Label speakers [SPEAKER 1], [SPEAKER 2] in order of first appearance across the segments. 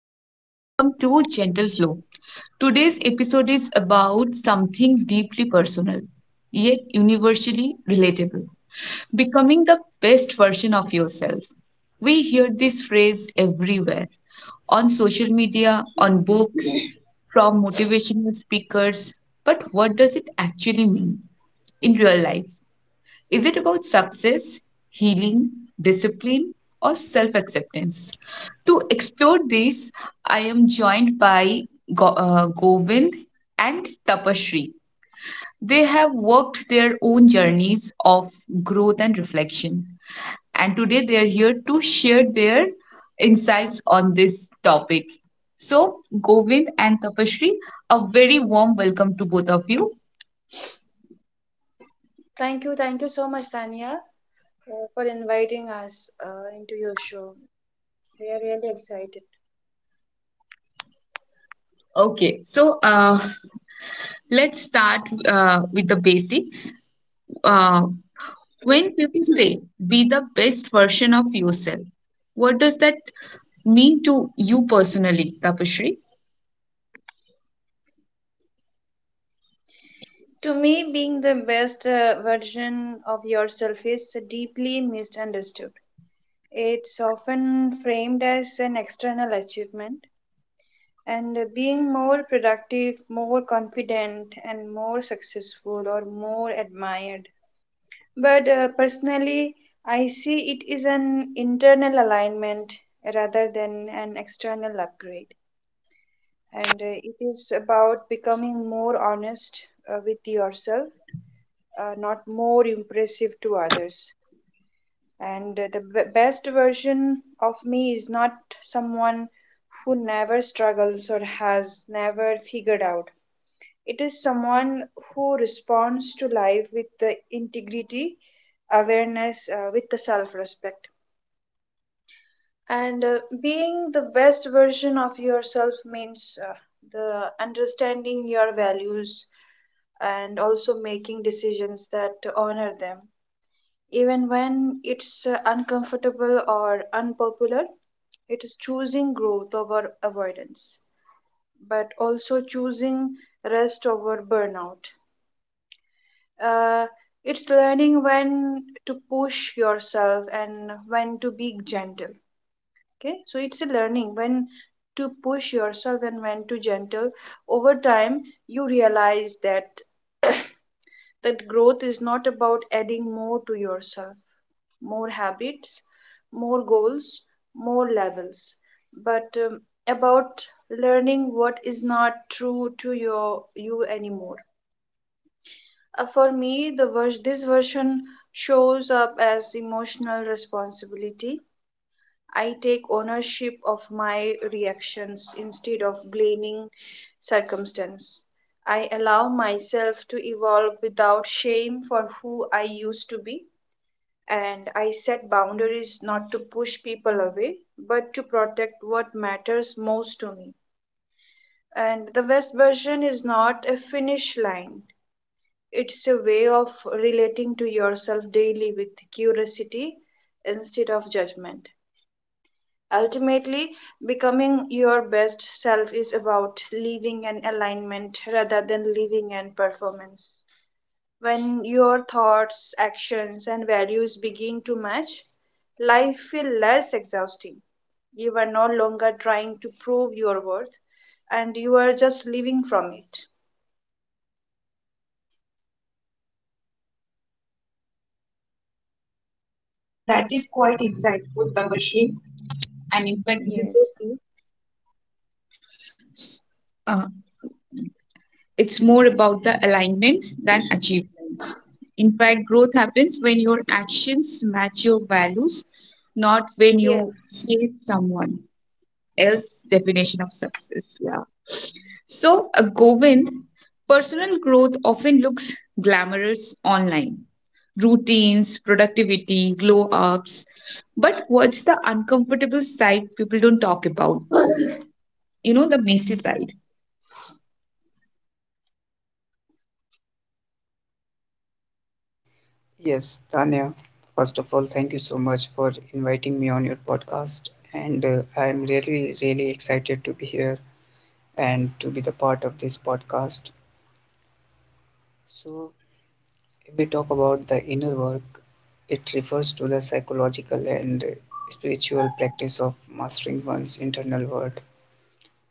[SPEAKER 1] and welcome to Gentle Flow. Today's episode is about something deeply personal, yet universally relatable becoming the best version of yourself. We hear this phrase everywhere on social media, on books, from motivational speakers. But what does it actually mean in real life? Is it about success, healing, discipline, or self acceptance? To explore this, I am joined by Govind and Tapashri. They have worked their own journeys of growth and reflection. And today they are here to share their insights on this topic. So, Govind and Tapashri, a very warm welcome to both of you.
[SPEAKER 2] Thank you so much, Tania, for inviting us into your show. We are really excited.
[SPEAKER 1] Okay, so let's start with the basics. Uh, when people say be the best version of yourself, what does that mean to you personally, Tapashri?
[SPEAKER 2] To me, being the best version of yourself is deeply misunderstood. It's often framed as an external achievement, and being more productive, more confident, and more successful or more admired. But personally, I see it is an internal alignment rather than an external upgrade. And it is about becoming more honest with yourself, not more impressive to others. And the b- best version of me is not someone who never struggles or has never figured out. It is someone who responds to life with the integrity, awareness, with the self respect. And being the best version of yourself means the understanding your values and also making decisions that honor them. Even when it's uncomfortable or unpopular, it is choosing growth over avoidance, but also choosing rest over burnout. Uh, it's learning when to push yourself and when to be gentle. Okay, so it's a learning when to push yourself and when to gentle over time. You realize that growth is not about adding more to yourself, more habits, more goals, more levels, but about learning what is not true to your you anymore. For me, this version shows up as emotional responsibility. I take ownership of my reactions instead of blaming circumstance. I allow myself to evolve without shame for who I used to be. And I set boundaries not to push people away, but to protect what matters most to me. And the best version is not a finish line, it's a way of relating to yourself daily with curiosity instead of judgment. Ultimately, becoming your best self is about living an alignment rather than living an performance. When your thoughts, actions, and values begin to match, life feels less exhausting. You are no longer trying to prove your worth and you are just living from it.
[SPEAKER 1] Yeah, that is quite insightful, Tapashri. And in fact, this
[SPEAKER 2] Yes.
[SPEAKER 1] is so true. uh, it's more about the alignment than achievements. In fact, growth happens when your actions match your values, not when you
[SPEAKER 2] Yes.
[SPEAKER 1] chase someone else's definition of success. Yeah. So, Govind, personal growth often looks glamorous online routines, productivity, glow ups. But what's the uncomfortable side people don't talk about? The messy side.
[SPEAKER 3] Yes, Tanya, first of all, thank you so much for inviting me on your podcast. And I'm really excited to be here and to be the part of this podcast. So, if we talk about the inner work, it refers to the psychological and spiritual practice of mastering one's internal world,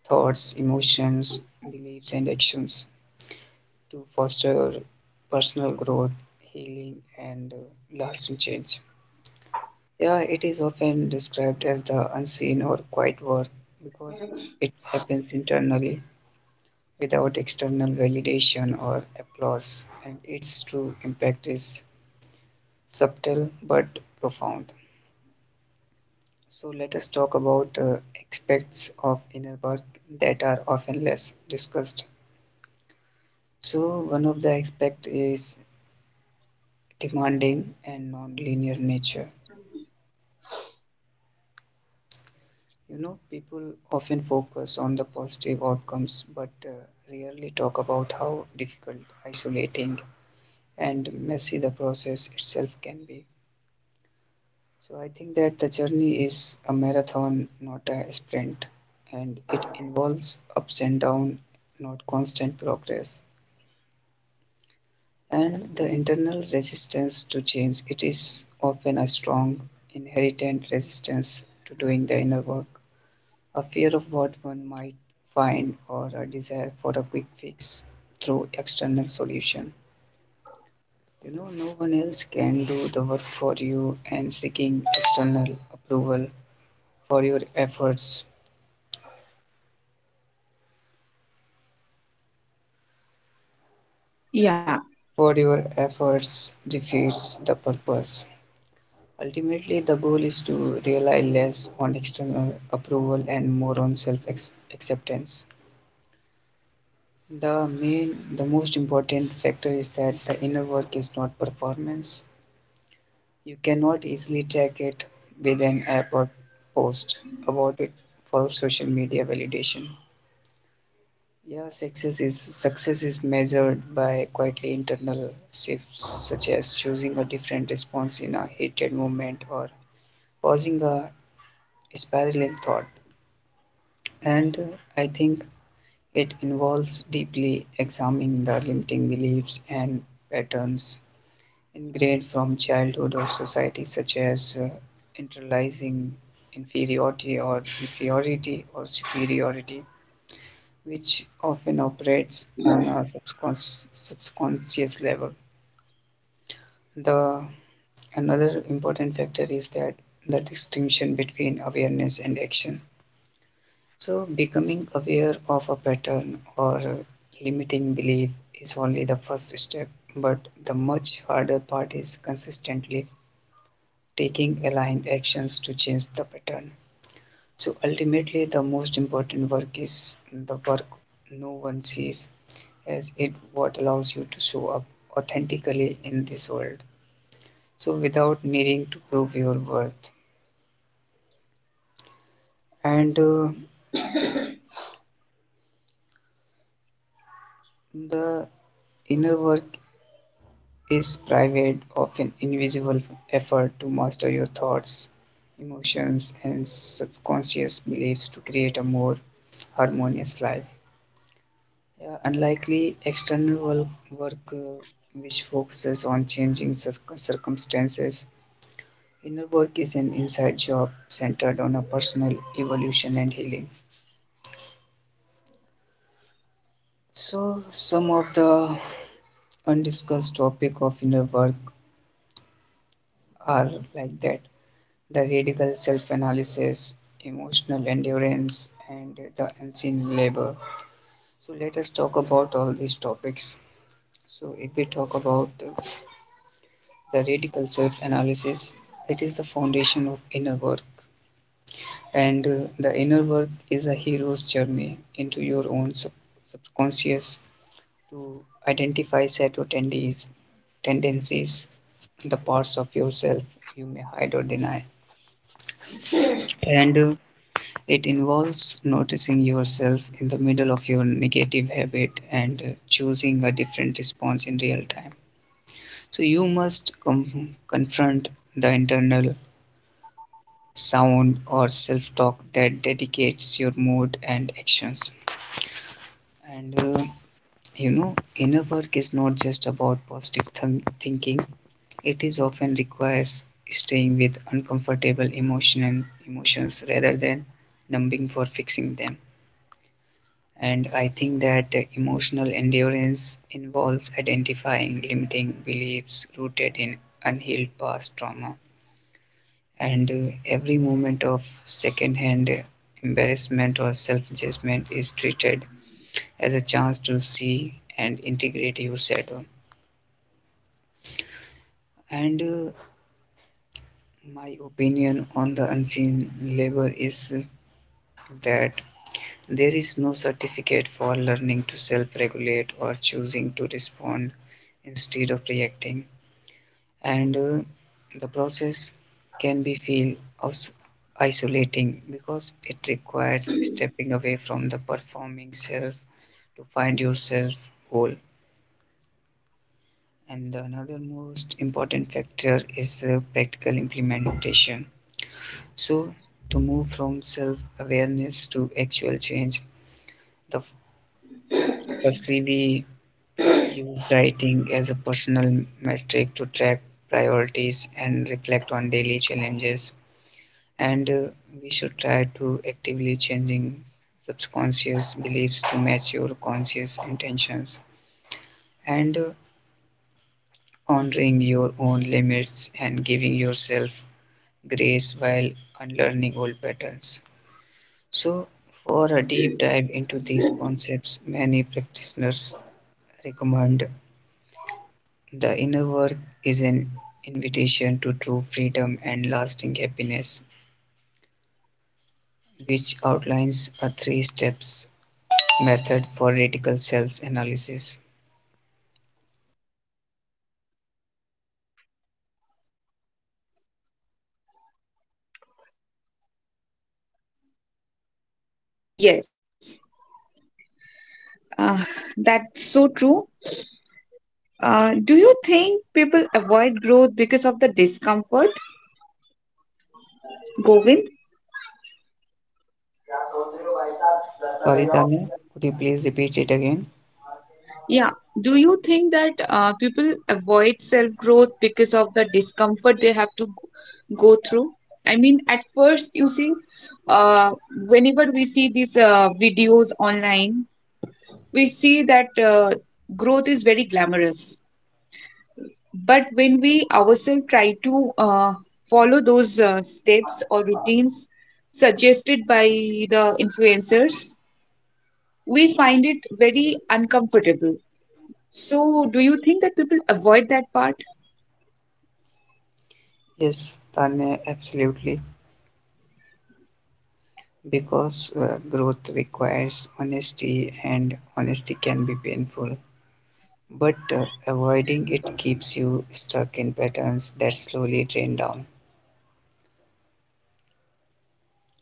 [SPEAKER 3] thoughts, emotions, beliefs, and actions to foster personal growth, healing, and lasting change. Yeah, it is often described as the unseen or quiet work because it happens internally without external validation or applause, and its true impact is subtle but profound. So, let us talk about aspects of inner work that are often less discussed. So, one of the aspects is demanding and non linear nature. You know, people often focus on the positive outcomes but rarely talk about how difficult, isolating, and messy the process itself can be. So, I think that the journey is a marathon, not a sprint, and it involves ups and downs, not constant progress. And the internal resistance to change, it is often a strong inherent resistance to doing the inner work. A fear of what one might find or a desire for a quick fix through external solution. You know, no one else can do the work for you, and seeking external approval for your efforts
[SPEAKER 1] Yeah,
[SPEAKER 3] defeats the purpose. Ultimately the goal is to rely less on external approval and more on self acceptance. The most important factor is that the inner work is not performance. You cannot easily track it with an app or post about it for social media validation. Yeah, success is measured by quietly internal shifts such as choosing a different response in a heated moment or pausing a spiraling thought. And I think it involves deeply examining the limiting beliefs and patterns ingrained from childhood or society, such as internalizing inferiority or superiority, which often operates on a subconscious level. The another important factor is that the distinction between awareness and action. So, becoming aware of a pattern or limiting belief is only the first step, but the much harder part is consistently taking aligned actions to change the pattern. So ultimately, the most important work is the work no one sees, as it what allows you to show up authentically in this world, so without needing to prove your worth. And the inner work is private, often invisible effort to master your thoughts, emotions, and subconscious beliefs to create a more harmonious life. Yeah, unlikely external work, work uh, which focuses on changing circumstances. Inner work is an inside job centered on a personal evolution and healing. So, some of the undiscussed topic of inner work are like that: the radical self-analysis, emotional endurance, and the unseen labor. So, let us talk about all these topics. So, if we talk about the radical self analysis. It is the foundation of inner work, and the inner work is a hero's journey into your own subconscious to identify tendencies, the parts of yourself you may hide or deny. And it involves noticing yourself in the middle of your negative habit and choosing a different response in real time. So you must confront the internal sound or self talk that dedicates your mood and actions. And you know, inner work is not just about positive thinking, it is often requires staying with uncomfortable emotions rather than numbing for fixing them. And I think that emotional endurance involves identifying limiting beliefs rooted in unhealed past trauma, and every moment of second-hand embarrassment or self-judgment is treated as a chance to see and integrate your shadow. And my opinion on the unseen labor is that there is no certificate for learning to self-regulate or choosing to respond instead of reacting. And the process can be feel aus- isolating because it requires stepping away from the performing self to find yourself whole. And the another most important factor is practical implementation. So to move from self awareness to actual change, the firstly we use writing as a personal metric to track priorities and reflect on daily challenges. And we should try to actively changing subconscious beliefs to match your conscious intentions, and honoring your own limits and giving yourself grace while unlearning old patterns. So for a deep dive into these concepts, many practitioners recommend the inner work is an invitation to true freedom and lasting happiness, which outlines a three steps method for reticle cells analysis.
[SPEAKER 1] yes. Uh, that's so true. Do you think people avoid growth because of the discomfort, Govind?
[SPEAKER 3] Sorry, Tanya, could you please repeat it again?
[SPEAKER 1] Yeah. Do you think that people avoid self-growth because of the discomfort they have to go through? I mean, at first, you see, uh, whenever we see these videos online, we see that growth is very glamorous. But when we ourselves try to follow those steps or routines suggested by the influencers, we find it very uncomfortable. So, do you think that people avoid that part?
[SPEAKER 3] Yes, Tanya, absolutely. Because growth requires honesty, and honesty can be painful. But avoiding it keeps you stuck in patterns that slowly drain down.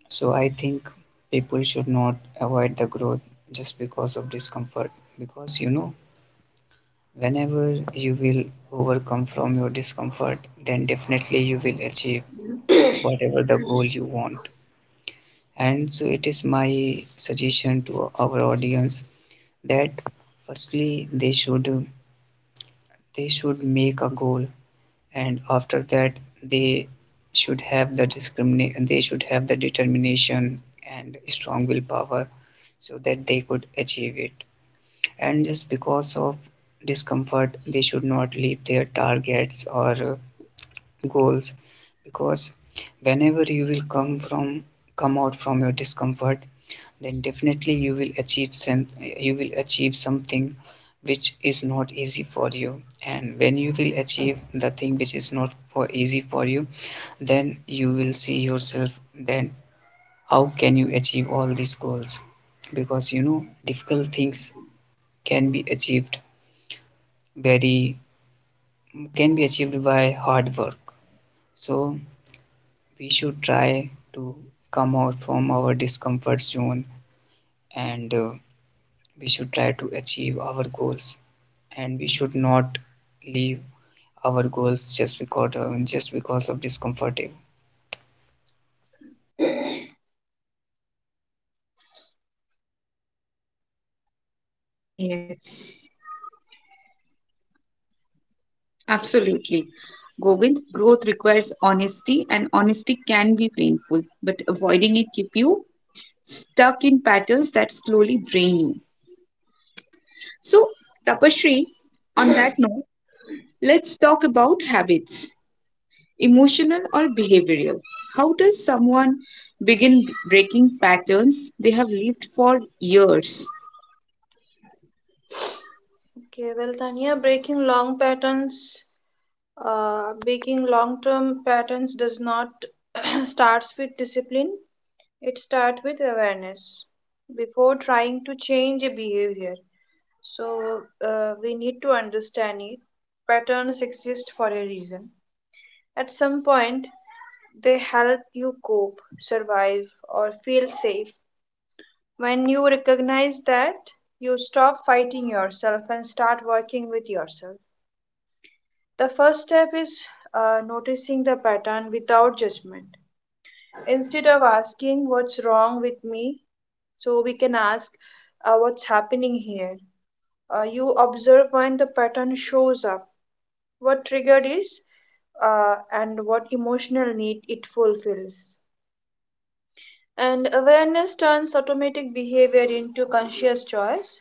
[SPEAKER 3] So I think people should not avoid the growth just because of discomfort. Because you know, whenever you will overcome from your discomfort, then definitely you will achieve whatever the goal you want. And so it is my suggestion to our audience that firstly they should make a goal, and after that they should have the discriminate, they should have the determination and strong willpower, so that they could achieve it. And just because of discomfort they should not leave their targets or goals. Because whenever you will come out from your discomfort, then definitely you will you will achieve something which is not easy for you. And when you will achieve the thing which is not for easy for you, then you will see yourself, then how can you achieve all these goals. Because you know difficult things can be achieved very can be achieved by hard work. So we should try to come out from our discomfort zone, and we should try to achieve our goals, and we should not leave our goals just because of discomfort.
[SPEAKER 1] Yes, absolutely. Govind, growth requires honesty, and honesty can be painful, but avoiding it keep you stuck in patterns that slowly drain you. So, Tapashri, on that note, let's talk about habits, emotional or behavioral. How does someone begin breaking patterns they have lived for years?
[SPEAKER 2] Okay, well, Tanya, breaking long-term patterns does not starts with discipline. It starts with awareness before trying to change a behavior. So we need to understand it. Patterns exist for a reason. At some point, they help you cope, survive, or feel safe. When you recognize that, you stop fighting yourself and start working with yourself. The first step is noticing the pattern without judgment. Instead of asking what's wrong with me, so we can ask what's happening here. You observe when the pattern shows up, what triggered is, and what emotional need it fulfills. And awareness turns automatic behavior into conscious choice.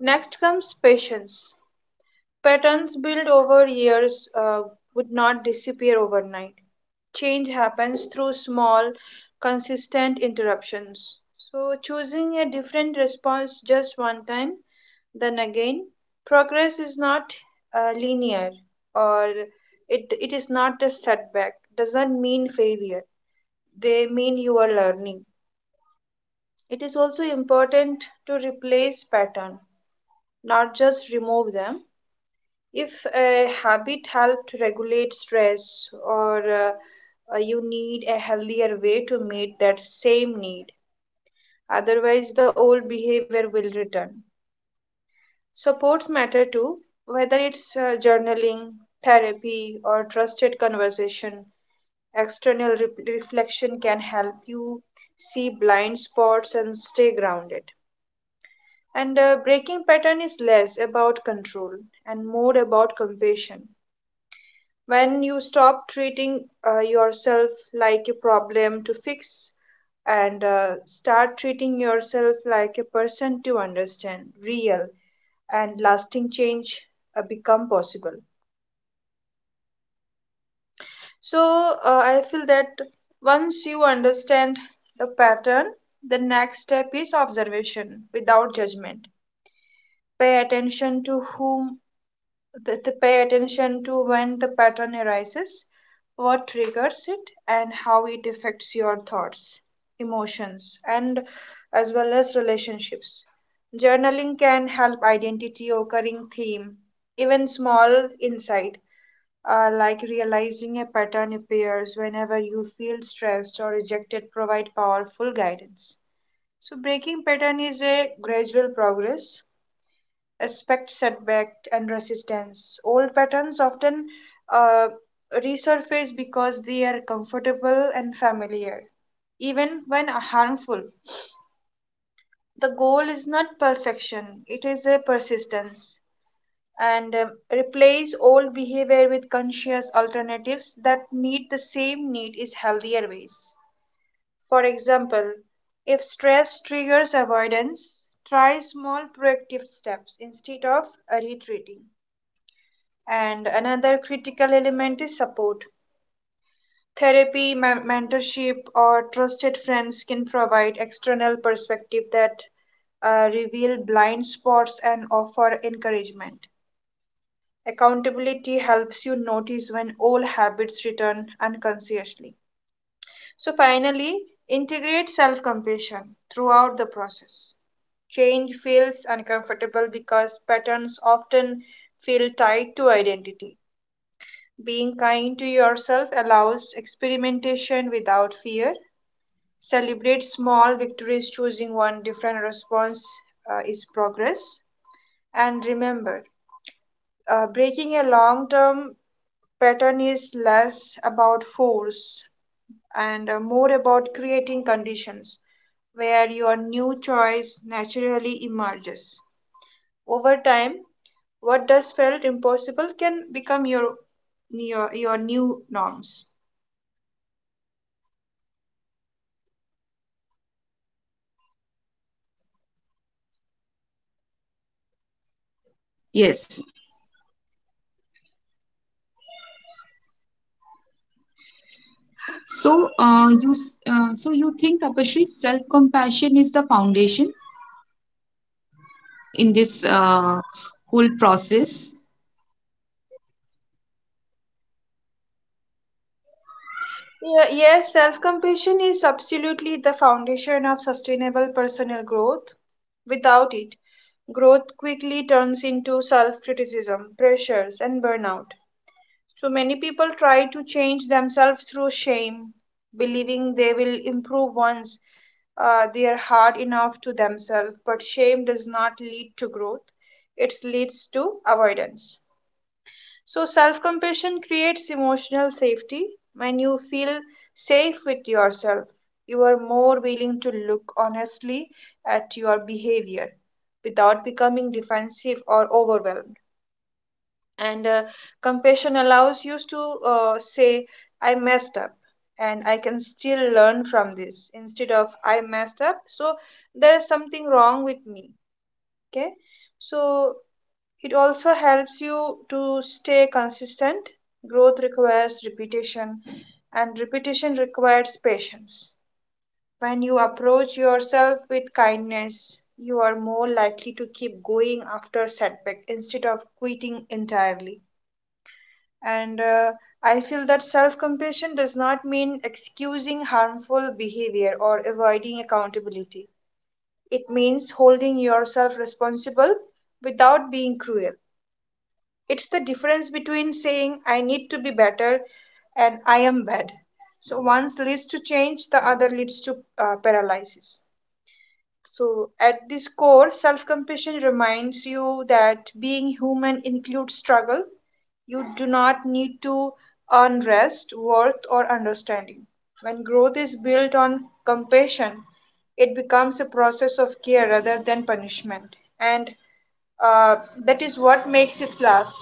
[SPEAKER 2] Next comes patience. Patterns built over years would not disappear overnight. Change happens through small, consistent interruptions. So, choosing a different response just one time, then again, progress is not linear or it is not a setback, doesn't mean failure. They mean you are learning. It is also important to replace pattern, not just remove them. If a habit helped regulate stress, or you need a healthier way to meet that same need, otherwise, the old behavior will return. Supports matter too, whether it's journaling, therapy, or trusted conversation. External reflection can help you see blind spots and stay grounded. And breaking pattern is less about control and more about compassion when you stop treating yourself like a problem to fix and start treating yourself like a person to understand real and lasting change become possible. So I feel that once you understand the pattern, the next step is observation without judgment. Pay attention to whom that they pay attention to when the pattern arises, what triggers it, and how it affects your thoughts, emotions, and as well as relationships. Journaling can help identity occurring theme, even small insight. Like realizing a pattern appears whenever you feel stressed or rejected provide powerful guidance. So breaking pattern is a gradual progress. Expect setback and resistance. Old patterns often uh, resurface because they are comfortable and familiar, even when harmful. The goal is not perfection, it is a persistence. And replace old behavior with conscious alternatives that meet the same need is healthier ways. For example, if stress triggers avoidance, try small proactive steps instead of retreating. And another critical element is support. Therapy, mentorship, or trusted friends can provide external perspective that reveal blind spots and offer encouragement. Accountability helps you notice when old habits return unconsciously. So, finally, integrate self compassion throughout the process. Change feels uncomfortable because patterns often feel tied to identity. Being kind to yourself allows experimentation without fear. Celebrate small victories, choosing one different response is progress. And remember, breaking a long term pattern is less about force and more about creating conditions where your new choice naturally emerges. Over time, what does felt impossible can become your new norms.
[SPEAKER 1] Yes, so, so you think Apashri, self-compassion is the foundation in this whole process?
[SPEAKER 2] Yeah, yes, self compassion is absolutely the foundation of sustainable personal growth. Without it, growth quickly turns into self criticism, pressures, and burnout. So many people try to change themselves through shame, believing they will improve once they are hard enough to themselves. But shame does not lead to growth, it leads to avoidance. So, self compassion creates emotional safety. When you feel safe with yourself, you are more willing to look honestly at your behavior without becoming defensive or overwhelmed. And compassion allows you to say, I messed up and I can still learn from this instead of I messed up. So, there is something wrong with me. Okay. So, it also helps you to stay consistent. Growth requires repetition, and repetition requires patience. When you approach yourself with kindness, you are more likely to keep going after setback instead of quitting entirely. And I feel that self compassion does not mean excusing harmful behavior or avoiding accountability. It means holding yourself responsible without being cruel. It's the difference between saying I need to be better and I am bad. So one leads to change, the other leads to paralysis. So at this core, self-compassion reminds you that being human includes struggle. You do not need to earn rest worth or understanding. When growth is built on compassion, it becomes a process of care rather than punishment. And uh, that is what makes it last.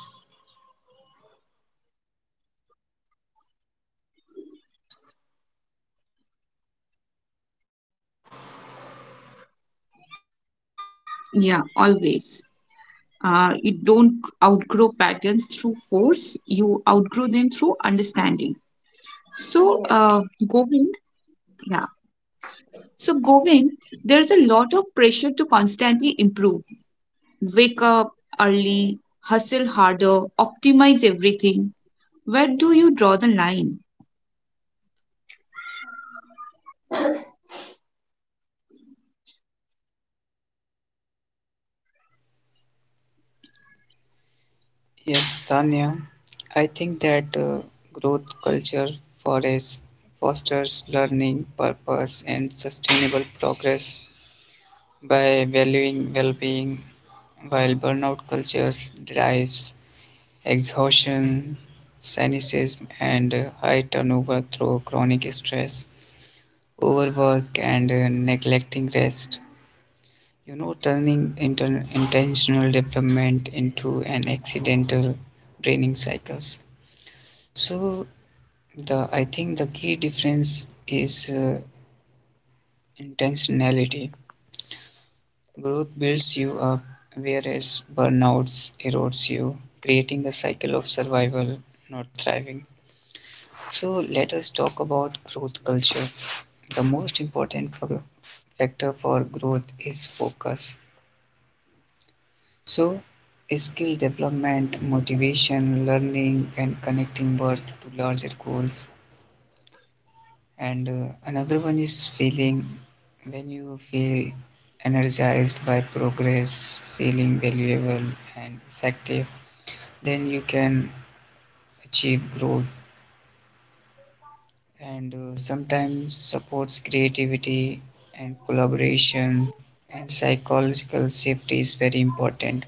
[SPEAKER 1] Yeah, always. You don't outgrow patterns through force. You outgrow them through understanding. So,
[SPEAKER 2] Yes,
[SPEAKER 1] Govind, yeah. So, Govind, there's a lot of pressure to constantly improve. Wake up early, hustle harder, optimize everything. Where do you draw the line?
[SPEAKER 3] Yes, Tanya, I think that growth culture forests fosters learning purpose and sustainable progress by valuing well-being, while burnout cultures derives exhaustion, cynicism, and high turnover through chronic stress, overwork, and neglecting rest. You know, turning intentional development into an accidental draining cycles. So, the I think the key difference is intentionality. Growth builds you up, whereas burnouts erodes you, creating a cycle of survival, not thriving. So let us talk about growth culture. The most important factor for growth is focus. So, skill development, motivation, learning, and connecting work to larger goals. And another one is feeling when you feel energized by progress, feeling valuable and effective, then you can achieve growth. And sometimes supports creativity and collaboration, and psychological safety is very important.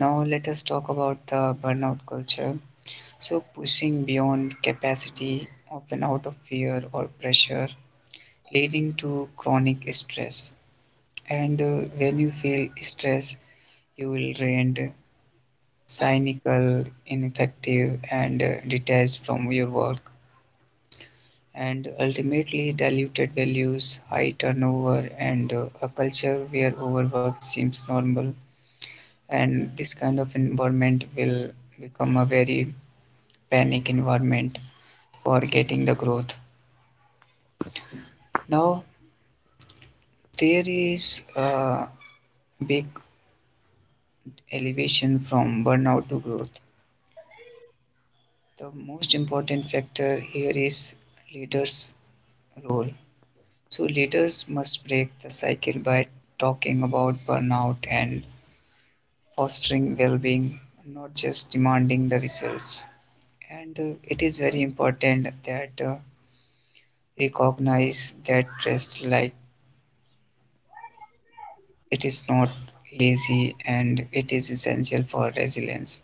[SPEAKER 3] Now let us talk about the burnout culture. So pushing beyond capacity often out of fear or pressure, leading to chronic stress. And when you feel stress you will rent cynical ineffective and detached from your work, and ultimately diluted values, high turnover, and a culture where overwork seems normal. And this kind of environment will become a very panic environment for getting the growth. Now, there is a big elevation from burnout to growth. The most important factor here is leaders' role. So, leaders must break the cycle by talking about burnout and fostering well-being, not just demanding the results. And it is very important that recognize that rest like it is not lazy and it is essential for resilience.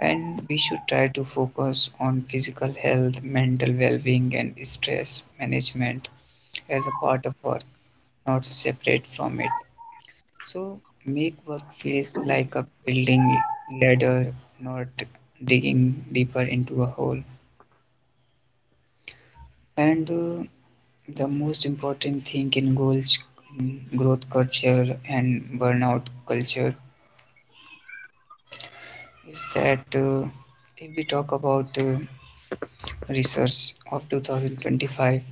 [SPEAKER 3] And we should try to focus on physical health, mental well-being, and stress management as a part of work, not separate from it. So make work feel like a building ladder, not digging deeper into a hole. And the most important thing in goals, growth culture and burnout culture, is that if we talk about research of 2025,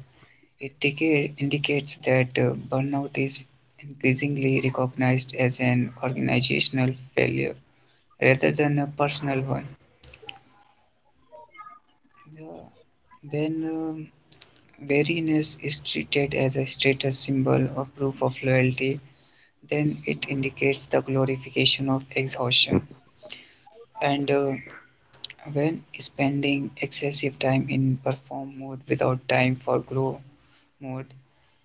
[SPEAKER 3] it indicates that burnout is increasingly recognized as an organizational failure rather than a personal one. The- when weariness is treated as a status symbol or proof of loyalty, then it indicates the glorification of exhaustion. And when spending excessive time in perform mode without time for grow mode,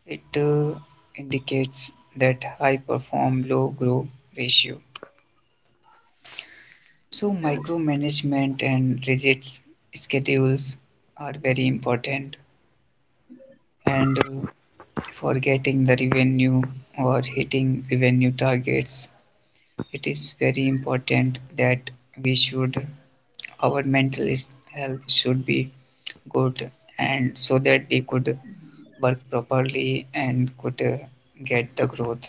[SPEAKER 3] it indicates that high perform low grow ratio. So micromanagement and rigid schedules are very important. And for getting the revenue or hitting revenue targets, it is very important that we should our mental health should be good, and so that we could work properly and could get the growth.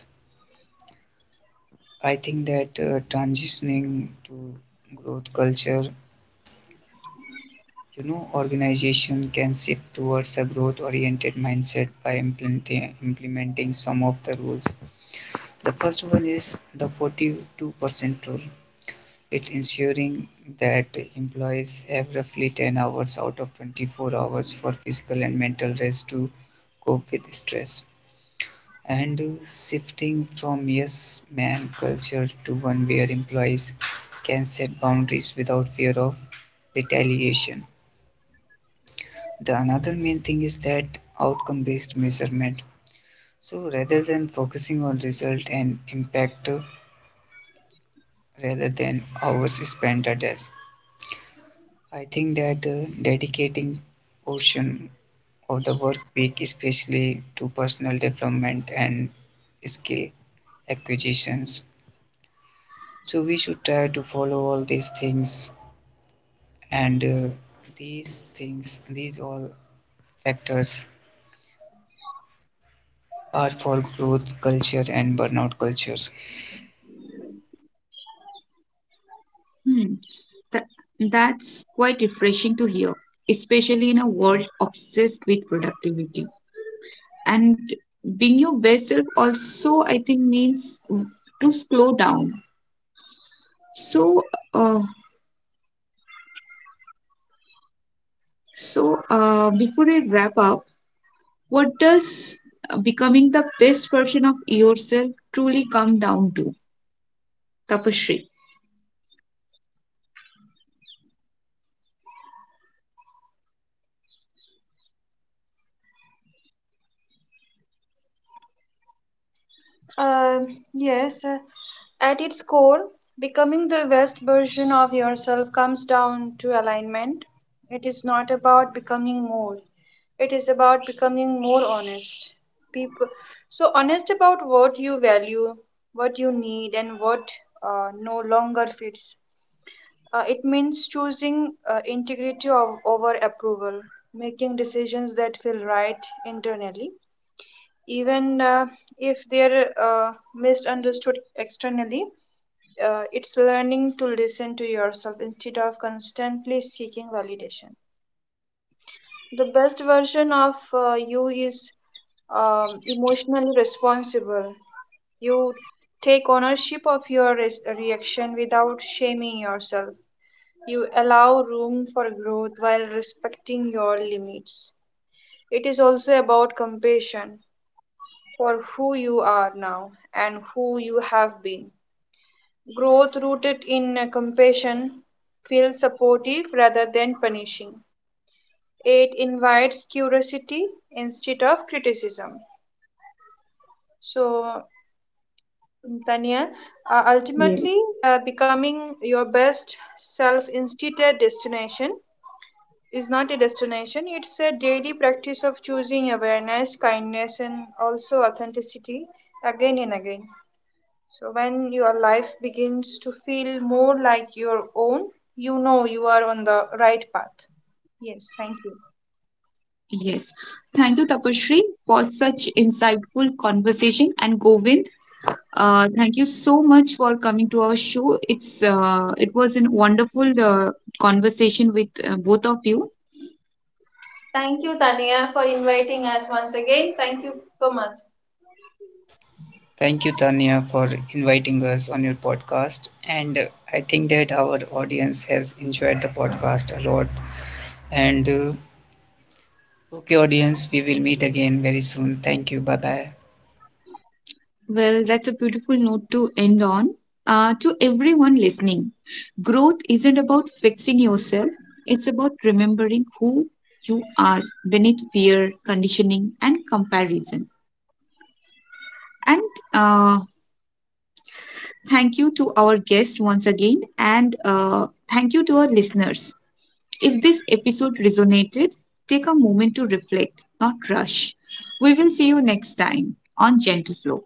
[SPEAKER 3] I think that transitioning to growth culture, you know, organization can shift towards a growth oriented mindset by implementing some of the rules. The first one is the 42% rule. It ensuring that employees have roughly 10 hours out of 24 hours for physical and mental rest to cope with stress. And shifting from yes man culture to one where employees can set boundaries without fear of retaliation. The another main thing is that outcome based measurement. So rather than focusing on result and impact, rather than hours spent at desk. I think that dedicating portion of the work week, especially to personal development and skill acquisitions. So we should try to follow all these things, and these all factors are for growth culture and burnout culture.
[SPEAKER 1] Hmm. That's quite refreshing to hear, especially in a world obsessed with productivity. And being your best self also, I think, means to slow down. So, uh, so, before I wrap up, what does becoming the best version of yourself truly come down to, Tapashri?
[SPEAKER 2] um, yes. uh, At its core, becoming the best version of yourself comes down to alignment. It is not about becoming more, it is about becoming more honest. People, so honest about what you value, what you need, and what no longer fits. It means choosing integrity of, over approval, making decisions that feel right internally even if they're misunderstood externally. It's learning to listen to yourself instead of constantly seeking validation. The best version of you is emotionally responsible. You take ownership of your reaction without shaming yourself. You allow room for growth while respecting your limits. It is also about compassion for who you are now and who you have been. Growth rooted in compassion feels supportive rather than punishing. It invites curiosity instead of criticism. So, Tanya, uh,
[SPEAKER 1] Yes.
[SPEAKER 2] ultimately, uh, becoming your best self instead a destination is not a destination, it's a daily practice of choosing awareness, kindness, and also authenticity again and again. So, when your life begins to feel more like your own, you know you are on the right path. Yes, thank you.
[SPEAKER 1] Yes. Thank you, Tapashri, for such insightful conversation. And Govind, thank you so much for coming to our show. It was a wonderful conversation with both of you.
[SPEAKER 2] Thank you, Tania, for inviting us once again. Thank you so much.
[SPEAKER 3] Thank you, Tanya, for inviting us on your podcast. And I think that our audience has enjoyed the podcast a lot. And okay, audience, we will meet again very soon. Thank you. Bye bye.
[SPEAKER 1] Well, that's a beautiful note to end on. To everyone listening, growth isn't about fixing yourself. It's about remembering who you are beneath fear, conditioning, and comparison. And uh, thank you to our guest once again, and thank you to our listeners. If this episode resonated, take a moment to reflect, not rush. We will see you next time on Gentle Flow.